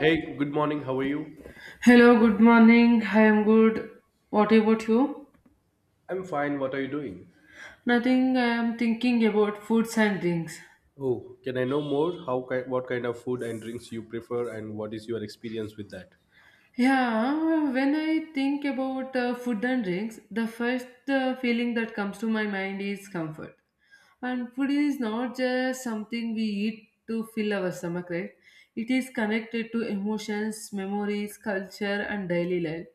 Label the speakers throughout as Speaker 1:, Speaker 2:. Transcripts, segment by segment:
Speaker 1: Hey, good morning. How are you?
Speaker 2: Hello, good morning. I am good. What about you?
Speaker 1: I'm fine. What are you doing?
Speaker 2: Nothing. I am thinking about foods and drinks.
Speaker 1: Oh, can I know more? What kind of food and drinks you prefer, and what is your experience with that?
Speaker 2: Yeah, when I think about food and drinks, the first feeling that comes to my mind is comfort. And food is not just something we eat to fill our stomach, right? It is connected to emotions, memories, culture, and daily life.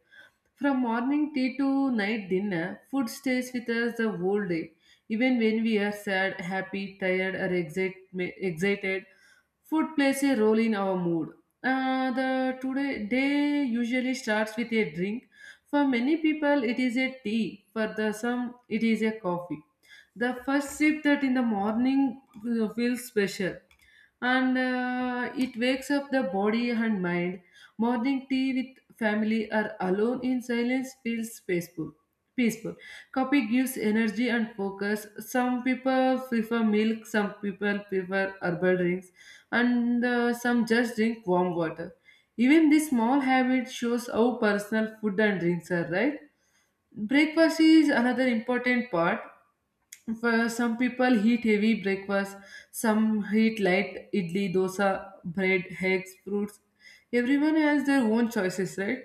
Speaker 2: From morning tea to night dinner, food stays with us the whole day. Even when we are sad, happy, tired, or excited, food plays a role in our mood. The today day usually starts with a drink. For many people, it is a tea. For the some, it is a coffee. The first sip that in the morning feels special, and it wakes up the body and mind. Morning tea with family or alone in silence feels peaceful. Peaceful. Coffee gives energy and focus. Some people prefer milk. Some people prefer herbal drinks and some just drink warm water. Even this small habit shows how personal food and drinks are, right? Breakfast is another important part. For some people eat heavy breakfast, some eat light idli, dosa, bread, eggs, fruits. Everyone has their own choices, right?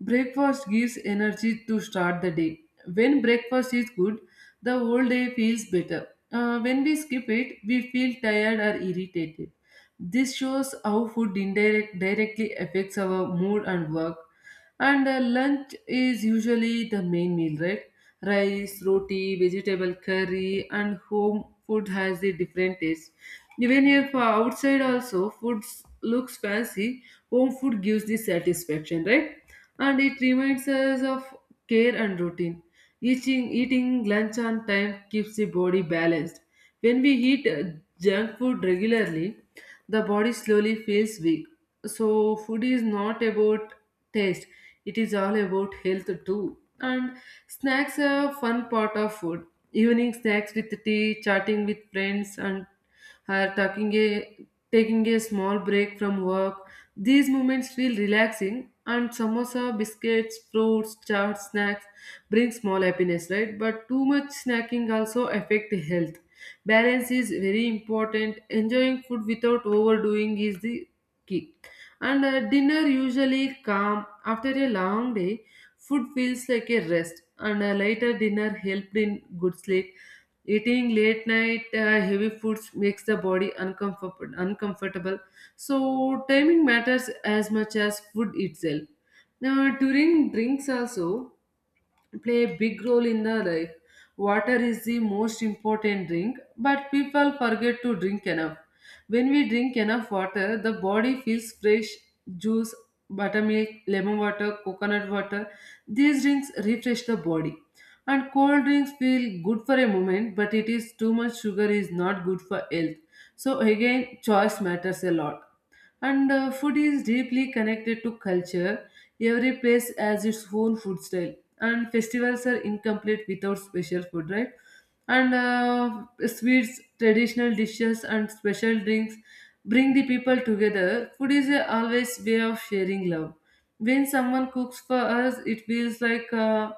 Speaker 2: Breakfast gives energy to start the day. When breakfast is good, the whole day feels better. When we skip it, we feel tired or irritated. This shows how food indirect directly affects our mood and work. And lunch is usually the main meal, right? Rice, roti, vegetable curry, and home food has a different taste. Even if outside also looks fancy, home food gives the satisfaction, right? And it reminds us of care and routine. Eating lunch on time keeps the body balanced. When we eat junk food regularly, the body slowly feels weak. So, food is not about taste, it is all about health too. And snacks are a fun part of food. Evening snacks with tea, chatting with friends, and or taking a small break from work. These moments feel relaxing, and samosa, biscuits, fruits, chaat, snacks bring small happiness, right? But too much snacking also affect health balance is very important, enjoying food without overdoing is the key. And dinner usually calm after a long day, food feels like a rest and a lighter dinner helped in good sleep. Eating late night heavy foods makes the body uncomfortable, so timing matters as much as food itself. Now during drinks also play a big role in the life. Water is the most important drink, but people forget to drink enough. When we drink enough water, the body feels fresh. Juice, buttermilk, lemon water, coconut water. These drinks refresh the body. And cold drinks feel good for a moment, but it is too much sugar is not good for health. So again, choice matters a lot. And food is deeply connected to culture. Every place has its own food style, and festivals are incomplete without special food, right? And sweets, traditional dishes, and special drinks bring the people together. Food is a always way of sharing love. When someone cooks for us, it feels like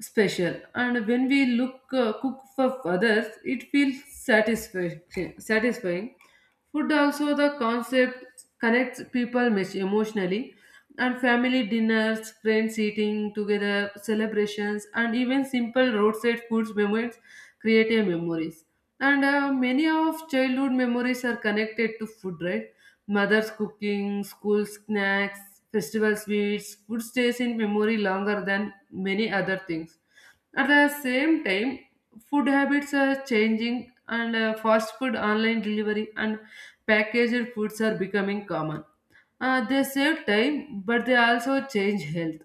Speaker 2: special, and when we look cook for others, it feels satisfying. Satisfying. Food also the concept connects people much emotionally, and family dinners, friends eating together, celebrations, and even simple roadside foods moments create a memories. And many of childhood memories are connected to food, right? Mother's cooking, school snacks, festival sweets, food stays in memory longer than many other things. At the same time, food habits are changing, and fast food, online delivery, and packaged foods are becoming common. They save time, but they also change health.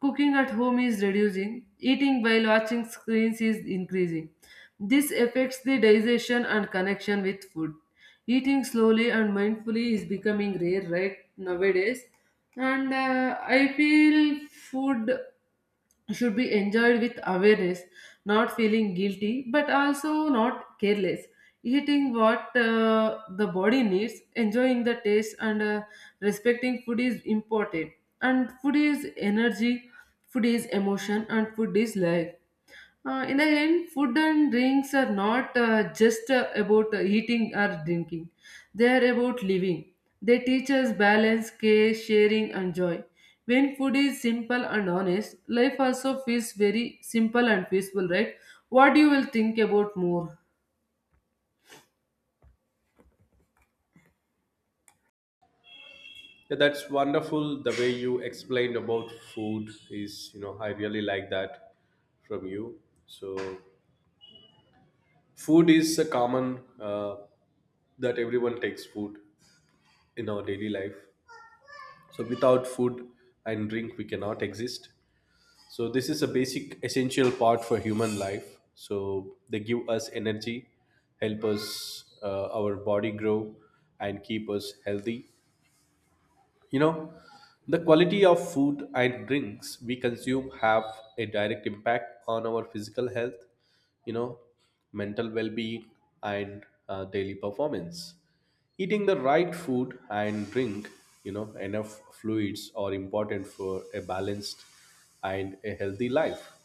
Speaker 2: Cooking at home is reducing, eating while watching screens is increasing. This affects the digestion and connection with food. Eating slowly and mindfully is becoming rare right nowadays, and I feel food should be enjoyed with awareness, not feeling guilty, but also not careless, eating what the body needs, enjoying the taste, and respecting food is important. And food is energy, food is emotion, and food is life. In the end, food and drinks are not just about eating or drinking. They are about living. They teach us balance, care, sharing, and joy. When food is simple and honest, life also feels very simple and peaceful, right? What do you will think about more?
Speaker 1: Yeah, that's wonderful. The way you explained about food is, I really like that from you. So, food is a common that everyone takes food in our daily life. So, without food and drink, we cannot exist. So this is a basic essential part for human life. So they give us energy, help us our body grow and keep us healthy. You know, the quality of food and drinks we consume have a direct impact on our physical health, you know, mental well-being and daily performance. Eating the right food and drink, enough fluids are important for a balanced and a healthy life.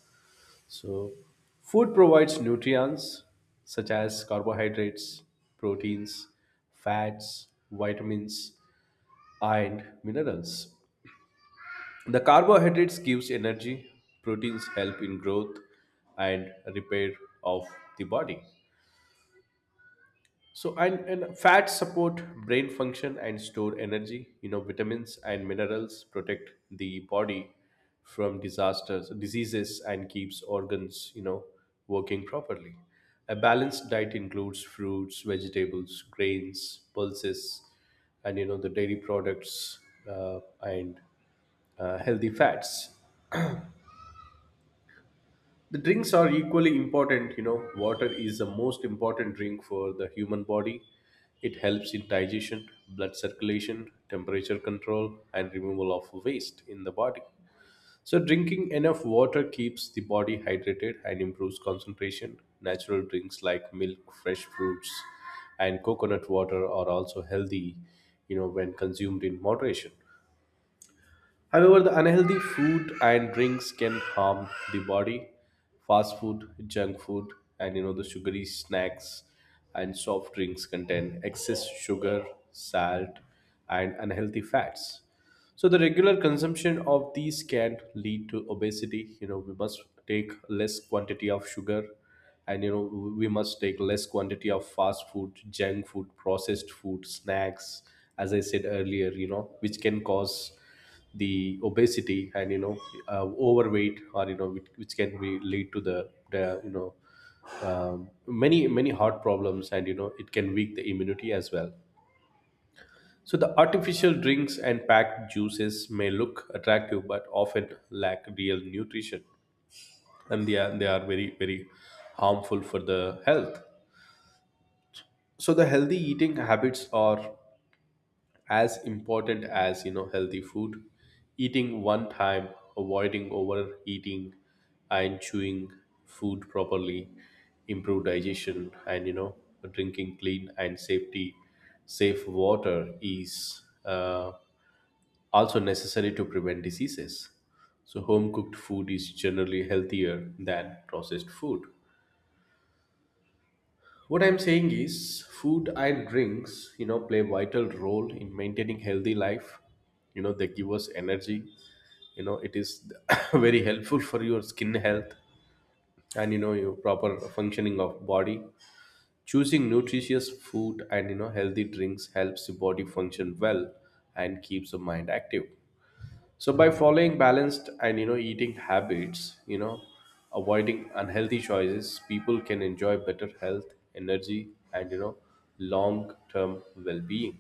Speaker 1: So, food provides nutrients such as carbohydrates, proteins, fats, vitamins, and minerals. The carbohydrates gives energy, proteins help in growth and repair of the body. So, and fats support brain function and store energy. You know, vitamins and minerals protect the body from disasters, diseases, and keeps organs, working properly. A balanced diet includes fruits, vegetables, grains, pulses, and you know the dairy products and healthy fats. The drinks are equally important, you know. Water is the most important drink for the human body. It helps in digestion, blood circulation, temperature control, and removal of waste in the body. So, drinking enough water keeps the body hydrated and improves concentration. Natural drinks like milk, fresh fruits, and coconut water are also healthy, when consumed in moderation. However, the unhealthy food and drinks can harm the body. Fast food, junk food, and you know the sugary snacks and soft drinks contain excess sugar, salt, and unhealthy fats. So the regular consumption of these can lead to obesity. You know, we must take less quantity of sugar, and you know, we must take less quantity of fast food, junk food, processed food, snacks. As I said earlier, you know, which can cause the obesity and you know overweight, or you know, which can be lead to the many heart problems, and you know, it can weak the immunity as well. So the artificial drinks and packed juices may look attractive but often lack real nutrition and they are very harmful for the health. So the healthy eating habits are as important as you know healthy food. Eating one time, avoiding overeating and chewing food properly, improve digestion and you know drinking clean and safe water is also necessary to prevent diseases. So, home cooked food is generally healthier than processed food. What I'm saying is, food and drinks, play vital role in maintaining healthy life. You know, they give us energy. You know, it is very helpful for your skin health and you know your proper functioning of body. Choosing nutritious food and you know healthy drinks helps the body function well and keeps the mind active. So by following balanced and you know eating habits, avoiding unhealthy choices, people can enjoy better health, energy, and you know long-term well-being.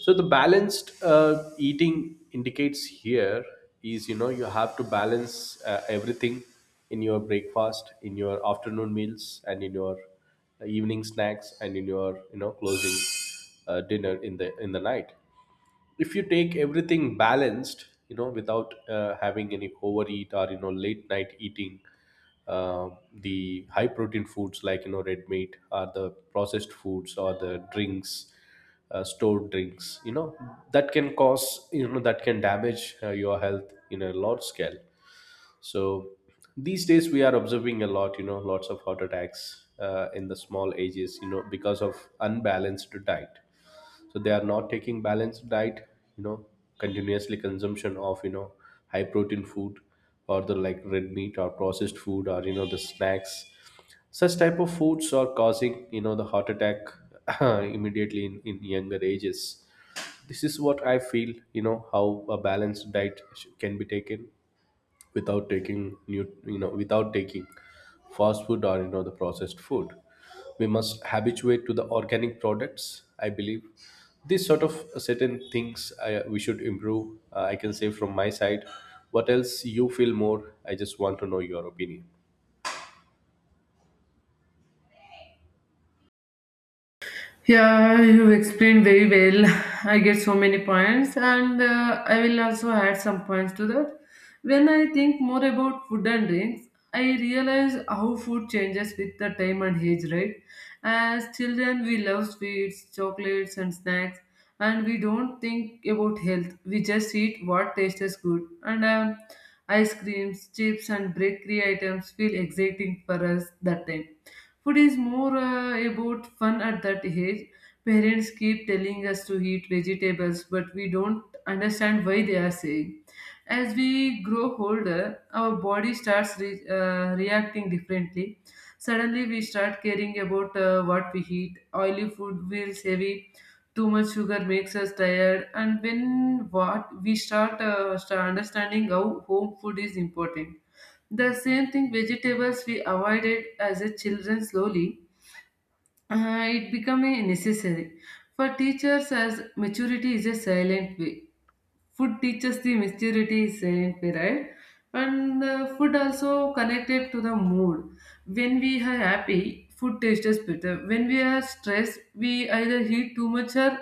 Speaker 1: So the balanced eating indicates here is you know you have to balance everything in your breakfast, in your afternoon meals, and in your evening snacks, and in your you know closing dinner in the night. If you take everything balanced, you know, without having any overeat or you know late night eating uh, the high protein foods like you know red meat or the processed foods or the drinks, stored drinks, you know, that can cause you know that can damage your health in a large scale. So these days we are observing a lot, you know, lots of heart attacks in the small ages, you know, because of unbalanced diet. So they are not taking balanced diet, you know, continuously consumption of you know high protein food or the like red meat or processed food or you know the snacks. Such type of foods are causing you know the heart attack immediately in younger ages. This is what I feel, you know, how a balanced diet can be taken without taking new you know without taking fast food or you know the processed food. We must habituate to the organic products, I believe. This sort of certain things we should improve. I can say from my side. What else you feel more? I just want to know your opinion.
Speaker 2: Yeah, you explained very well. I get so many points, and I will also add some points to that. When I think more about food and drinks, I realize how food changes with the time and age, right? As children, we love sweets, chocolates, and snacks, and we don't think about health. We just eat what tastes good. And ice creams, chips, and bakery items feel exciting for us that time. Food is more about fun at that age. Parents keep telling us to eat vegetables, but we don't understand why they are saying. As we grow older, our body starts reacting differently. Suddenly, we start caring about what we eat. Oily food feels heavy. Too much sugar makes us tired. And when what we start, start understanding how home food is important, the same thing vegetables we avoided as a children slowly, it became a necessary. For teachers as maturity is a silent way, food teaches the maturity saying right, and food also connected to the mood. When we are happy, food tastes better. When we are stressed we either eat too much or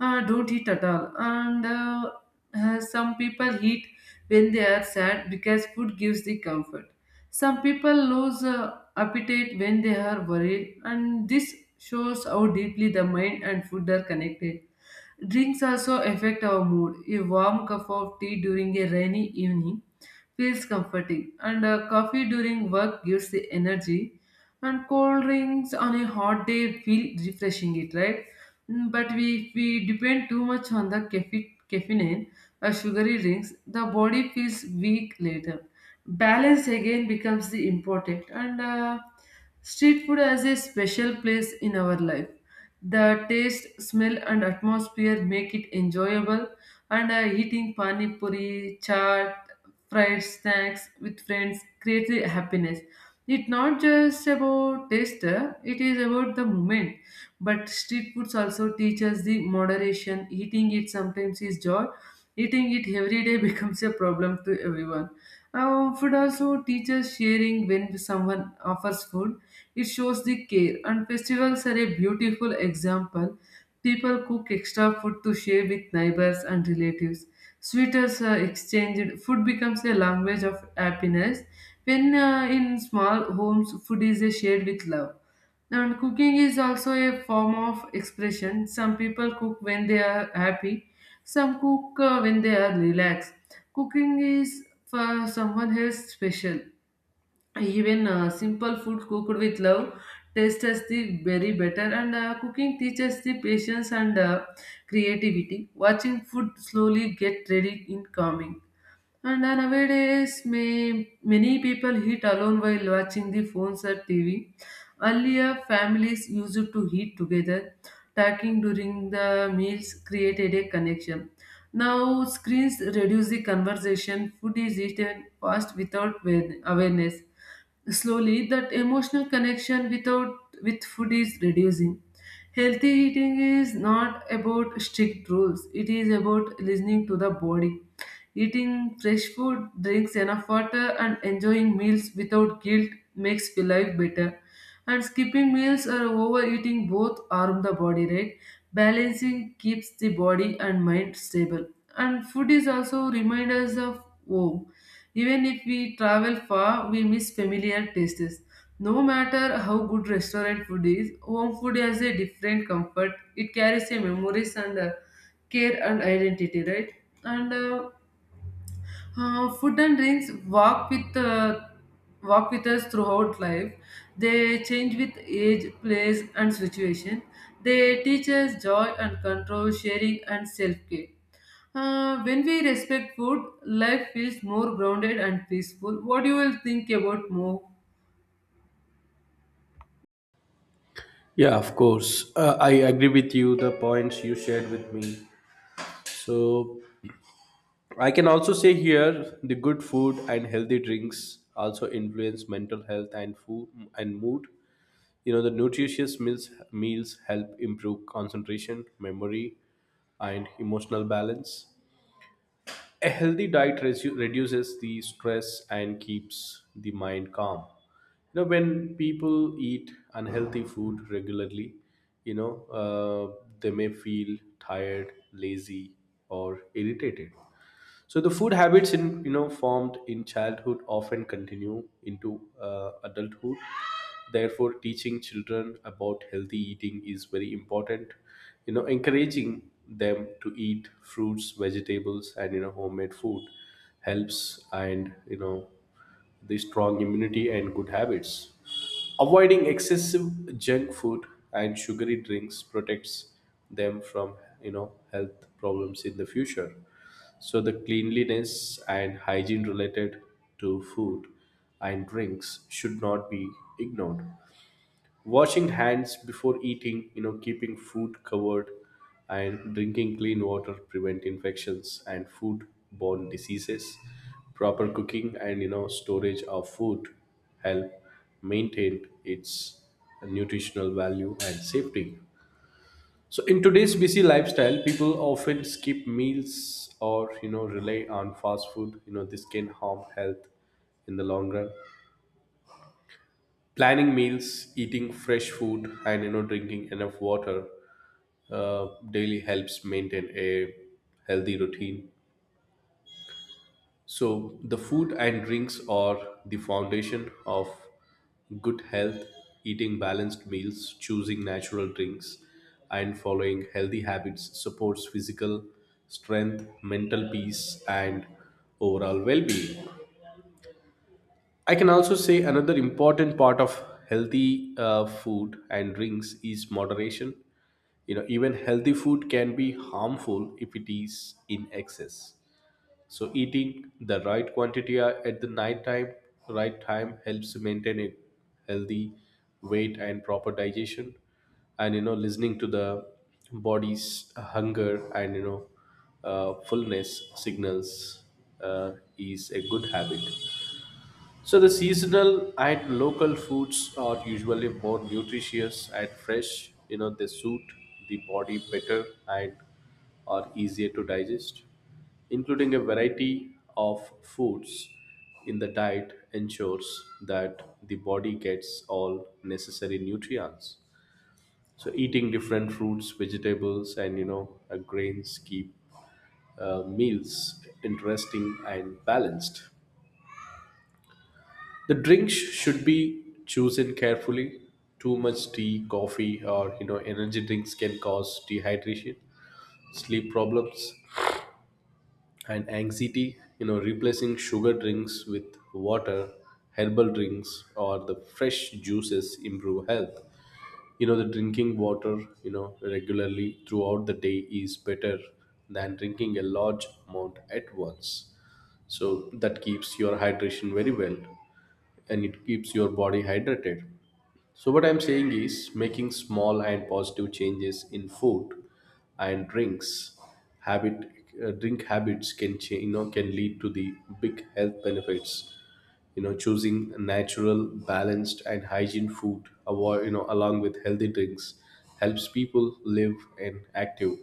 Speaker 2: don't eat at all, and some people eat when they are sad because food gives the comfort. Some people lose appetite when they are worried, and this shows how deeply the mind and food are connected. Drinks also affect our mood. A warm cup of tea during a rainy evening feels comforting, and coffee during work gives the energy, and cold drinks on a hot day feel refreshing. It right, mm, but we if we depend too much on the caffeine, caffeine, or sugary drinks, the body feels weak later. Balance again becomes the important, and street food has a special place in our life. The taste, smell, and atmosphere make it enjoyable. And eating pani puri, chaat, fried snacks with friends creates a happiness. It's not just about taste, it is about the moment. But street foods also teach us the moderation. Eating it sometimes is joy. Eating it every day becomes a problem to everyone. Food also teaches sharing when someone offers food. It shows the care, and festivals are a beautiful example. People cook extra food to share with neighbors and relatives. Sweeters are exchanged. Food becomes a language of happiness. When in small homes, food is shared with love. And cooking is also a form of expression. Some people cook when they are happy, some cook when they are relaxed. Cooking is for someone else special. Even simple food cooked with love tastes the very better, and cooking teaches the patience and creativity. Watching food slowly get ready in calming. And nowadays, may, many people eat alone while watching the phones or TV. Earlier, families used to eat together. Talking during the meals created a connection. Now, screens reduce the conversation. Food is eaten fast without awareness. Slowly, that emotional connection without with food is reducing. Healthy eating is not about strict rules. It is about listening to the body. Eating fresh food, drinks enough water, and enjoying meals without guilt makes your life better. And skipping meals or overeating both harm the body, right? Balancing keeps the body and mind stable. And food is also reminders of home. Even if we travel far, we miss familiar tastes. No matter how good restaurant food is, home food has a different comfort. It carries a memories and care and identity, right? And food and drinks walk with walk with us throughout life. They change with age, place, and situation. They teach us joy and control, sharing, and self care. When we respect food, life feels more grounded and peaceful. What do you will think about more?
Speaker 1: Yeah, of course, I agree with you the points you shared with me. So I can also say here, the good food and healthy drinks also influence mental health and food and mood. You know, the nutritious meals, help improve concentration, memory, and emotional balance. A healthy diet reduces the stress and keeps the mind calm. You know, when people eat unhealthy food regularly, they may feel tired, lazy, or irritated. So the food habits in you know formed in childhood often continue into adulthood. Therefore teaching children about healthy eating is very important, you know, encouraging them to eat fruits, vegetables, and you know homemade food helps, and you know the strong immunity and good habits. Avoiding excessive junk food and sugary drinks protects them from you know health problems in the future. So the cleanliness and hygiene related to food and drinks should not be ignored. Washing hands before eating, keeping food covered and drinking clean water prevent infections and food-borne diseases. Proper cooking and you know storage of food help maintain its nutritional value and safety. So in today's busy lifestyle, people often skip meals or you know rely on fast food. You know this can harm health in the long run. Planning meals, eating fresh food, and you know drinking enough water daily helps maintain a healthy routine. So the food and drinks are the foundation of good health. Eating balanced meals, choosing natural drinks, and following healthy habits supports physical strength, mental peace, and overall well-being. I can also say another important part of healthy food and drinks is moderation. You know, even healthy food can be harmful if it is in excess. So, eating the right quantity at the right time helps to maintain a healthy weight and proper digestion. And you know, listening to the body's hunger and fullness signals is a good habit. So the seasonal and local foods are usually more nutritious and fresh. You know, they suit the body better and are easier to digest. Including a variety of foods in the diet ensures that the body gets all necessary nutrients. So eating different fruits, vegetables, and grains keep meals interesting and balanced. The drinks should be chosen carefully. Too much tea, coffee, or energy drinks can cause dehydration, sleep problems, and anxiety. You know, replacing sugar drinks with water, herbal drinks, or the fresh juices improve health. You know, the drinking water, you know, regularly throughout the day is better than drinking a large amount at once. So that keeps your hydration very well, and it keeps your body hydrated. So, what I'm saying is making small and positive changes in food and drinks habit, drink habits can change you know can lead to the big health benefits. You know, choosing natural, balanced, and hygiene food avoid you know along with healthy drinks helps people live an active,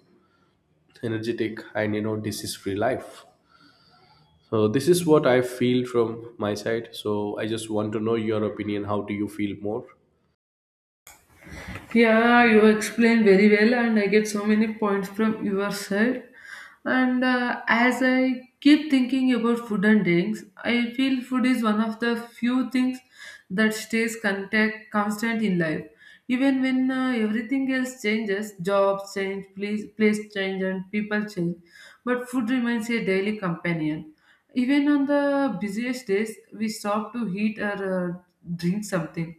Speaker 1: energetic, and you know disease free life. So this is what I feel from my side. So I just want to know your opinion how do you feel more.
Speaker 2: Yeah, you explained very well, and I get so many points from your side. And as I keep thinking about food and drinks, I feel food is one of the few things that stays contact, constant in life. Even when everything else changes, jobs change, place change, and people change, but food remains a daily companion. Even on the busiest days, we stop to eat or drink something.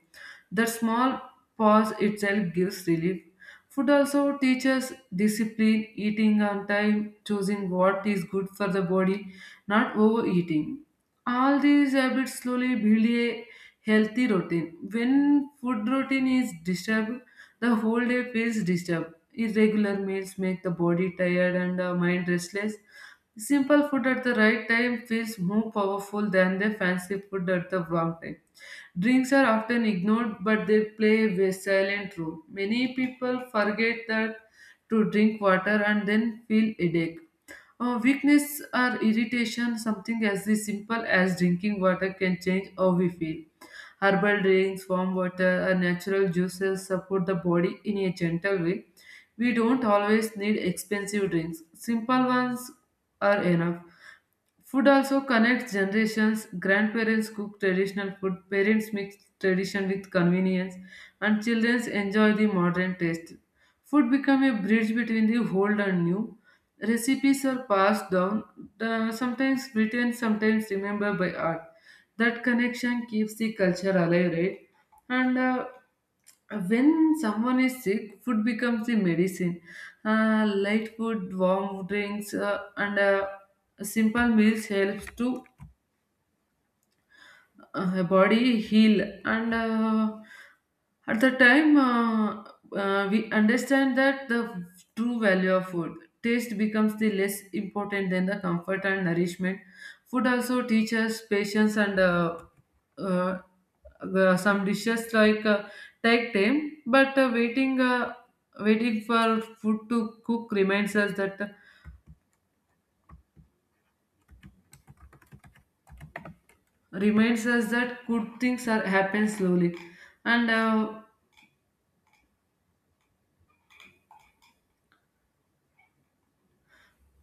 Speaker 2: The small pause itself gives relief. Food also teaches discipline, eating on time, choosing what is good for the body, not overeating. All these habits slowly build a healthy routine. When food routine is disturbed, the whole day feels disturbed. Irregular meals make the body tired and the mind restless. Simple food at the right time feels more powerful than the fancy food at the wrong time. Drinks are often ignored, but they play a silent role. Many people forget that to drink water and then feel headache. Weakness or irritation, something as the simple as drinking water can change how we feel. Herbal drinks, warm water, or natural juices support the body in a gentle way. We don't always need expensive drinks. Simple ones are enough. Food also connects generations. Grandparents cook traditional food, parents mix tradition with convenience, and children enjoy the modern taste. Food becomes a bridge between the old and new. Recipes are passed down, sometimes written, sometimes remembered by art. That connection keeps the culture alive, right? And when someone is sick, food becomes the medicine. Light food, warm drinks, and simple meals helps to her body heal and at the time we understand that the true value of food taste becomes the less important than the comfort and nourishment food also teaches patience and uh, some dishes like take time but waiting for food to cook reminds us that good things are happen slowly and uh,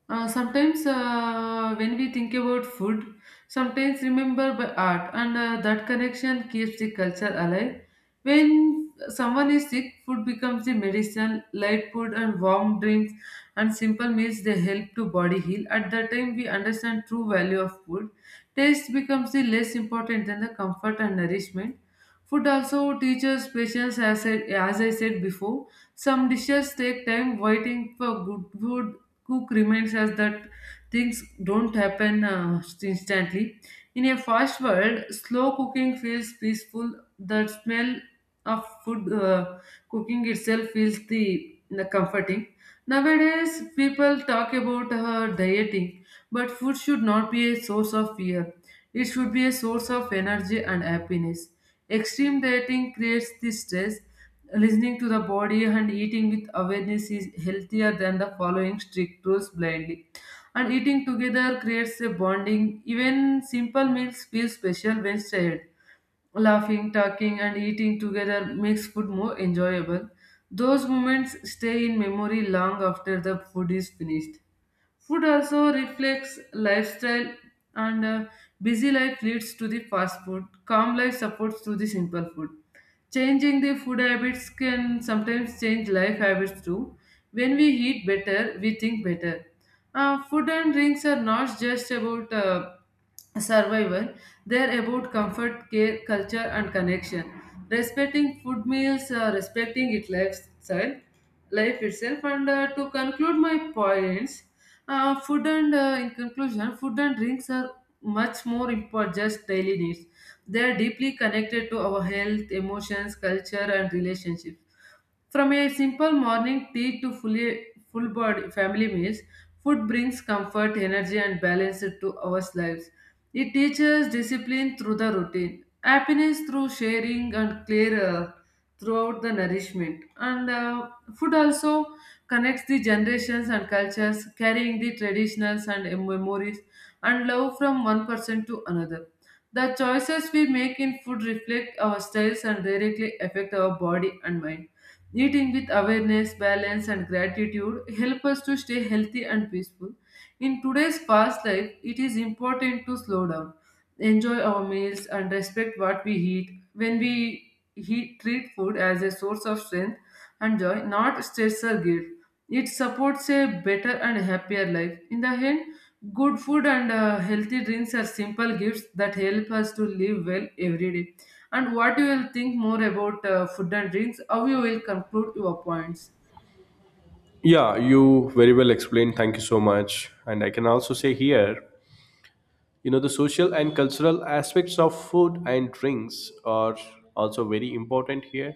Speaker 2: Uh, sometimes when we think about food, sometimes remember by art, and that connection keeps the culture alive. When someone is sick, food becomes the medicine. Light food and warm drinks and simple meals they help to body heal. At that time, we understand true value of food. Taste becomes the less important than the comfort and nourishment. Food also teaches patience, as I said before. Some dishes take time waiting for good food cook reminds us that things don't happen instantly. In a fast world, slow cooking feels peaceful. The smell of food cooking itself feels the comforting. Nowadays, people talk about dieting, but food should not be a source of fear. It should be a source of energy and happiness. Extreme dieting creates this stress. Listening to the body and eating with awareness is healthier than the following strict rules blindly. And eating together creates a bonding. Even simple meals feel special when shared. Laughing, talking, and eating together makes food more enjoyable. Those moments stay in memory long after the food is finished. Food also reflects lifestyle, and busy life leads to the fast food. Calm life supports to the simple food. Changing the food habits can sometimes change life habits too. When we eat better, we think better. Food and drinks are not just about survival, they are about comfort, care, culture, and connection. Respecting food meals, respecting its lifestyle, life itself. And to conclude my points, food and in conclusion, food and drinks are much more important just daily needs. They are deeply connected to our health, emotions, culture, and relationships. From a simple morning tea to fully full body family meals, food brings comfort, energy, and balance to our lives. It teaches discipline through the routine, happiness through sharing, and clear throughout the nourishment. And food also connects the generations and cultures, carrying the traditions and memories and love from one person to another. The choices we make in food reflect our styles and directly affect our body and mind. Eating with awareness, balance, and gratitude help us to stay healthy and peaceful. In today's fast life, it is important to slow down, enjoy our meals, and respect what we eat. When we eat, treat food as a source of strength and joy, not stress or guilt. It supports a better and happier life. In the end, good food and healthy drinks are simple gifts that help us to live well every day. And what you will think more about food and drinks, how you will conclude your points.
Speaker 1: Yeah, you very well explained. Thank you so much. And I can also say here, you know, the social and cultural aspects of food and drinks are also very important here.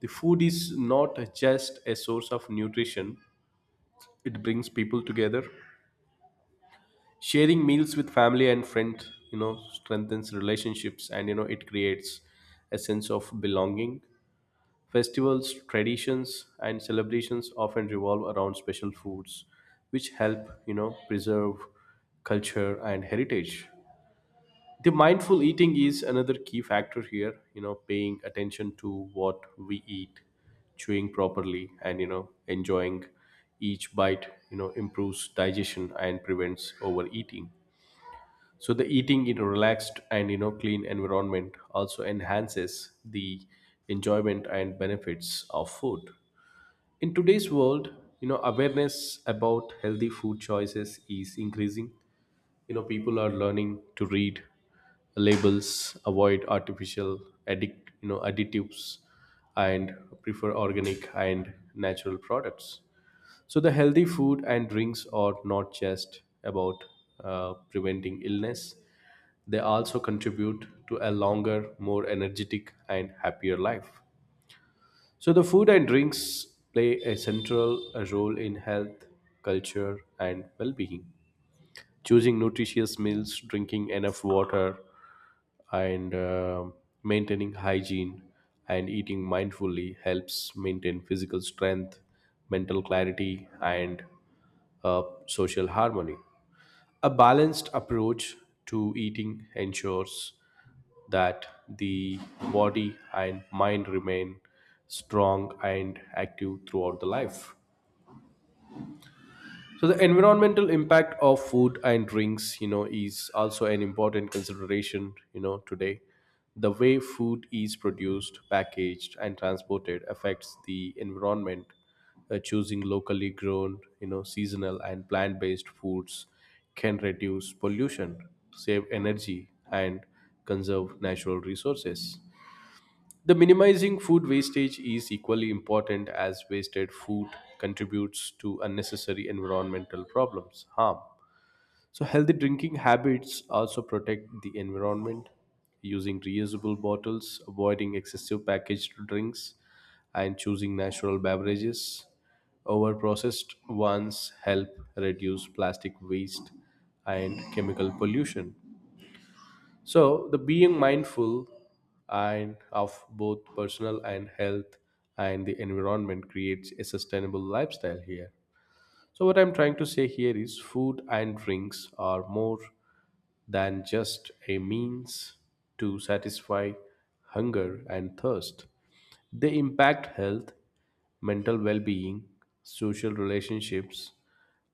Speaker 1: The food is not just a source of nutrition, it brings people together. Sharing meals with family and friends, you know, strengthens relationships and, you know, it creates a sense of belonging. Festivals, traditions, and celebrations often revolve around special foods, which help, preserve culture and heritage. The mindful eating is another key factor here, you know, paying attention to what we eat, chewing properly, and, enjoying each bite, improves digestion and prevents overeating. So the eating in a relaxed and you know clean environment also enhances the enjoyment and benefits of food. In today's world, awareness about healthy food choices is increasing. You know, people are learning to read labels, avoid artificial you know, additives, and prefer organic and natural products. So the healthy food and drinks are not just about preventing illness; they also contribute to a longer, more energetic, and happier life. So the food and drinks play a central role in health, culture, and well-being. Choosing nutritious meals, drinking enough water, and maintaining hygiene and eating mindfully helps maintain physical strength, mental clarity, and social harmony. A balanced approach to eating ensures that the body and mind remain strong and active throughout the life. So the environmental impact of food and drinks, is also an important consideration, you know, today. The way food is produced, packaged, and transported affects the environment. Choosing locally grown, seasonal and plant-based foods can reduce pollution, save energy, and conserve natural resources. The minimizing food wastage is equally important as wasted food contributes to unnecessary environmental problems, harm. So, healthy drinking habits also protect the environment, using reusable bottles, avoiding excessive packaged drinks, and choosing natural beverages over processed ones help reduce plastic waste and chemical pollution. So the being mindful and of both personal and health and the environment creates a sustainable lifestyle here. So, what I'm trying to say here is food and drinks are more than just a means to satisfy hunger and thirst. They impact health, mental well being, social relationships,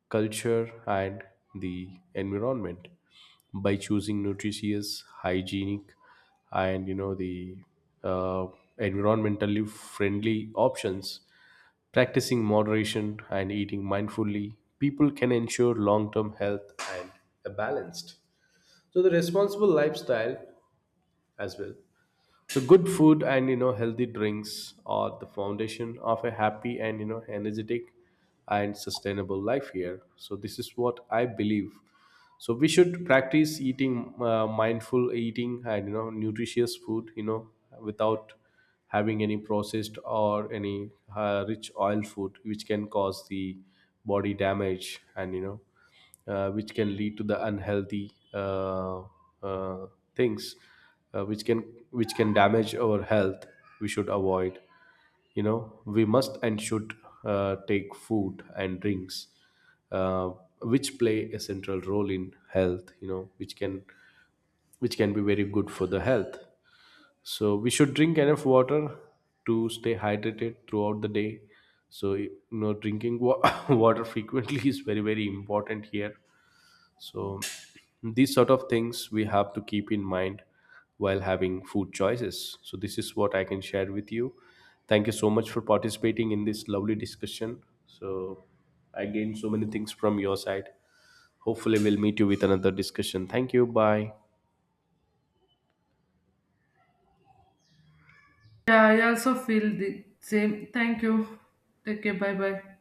Speaker 1: culture, and the environment. By choosing nutritious, hygienic, and you know the uh, environmentally friendly options, practicing moderation and eating mindfully, people can ensure long term health and a balanced. So, the responsible lifestyle as well. So, good food and you know, healthy drinks are the foundation of a happy and you know, energetic and sustainable life here. So, this is what I believe. So we should practice eating mindful eating and you know nutritious food, you know, without having any processed or any rich oil food which can cause the body damage, and you know which can lead to the unhealthy uh, things uh, which can which can damage our health. We should avoid, you know, we must and should take food and drinks uh, which play a central role in health, you know, which can be very good for the health. So we should drink enough water to stay hydrated throughout the day. So you know drinking water frequently is very important here. So, these sort of things we have to keep in mind while having food choices. So, this is what I can share with you. Thank you so much for participating in this lovely discussion. So, I gained so many things from your side. Hopefully, we'll meet you with another discussion. Thank you. Bye.
Speaker 2: Yeah, I also feel the same. Thank you. Take care. Bye bye.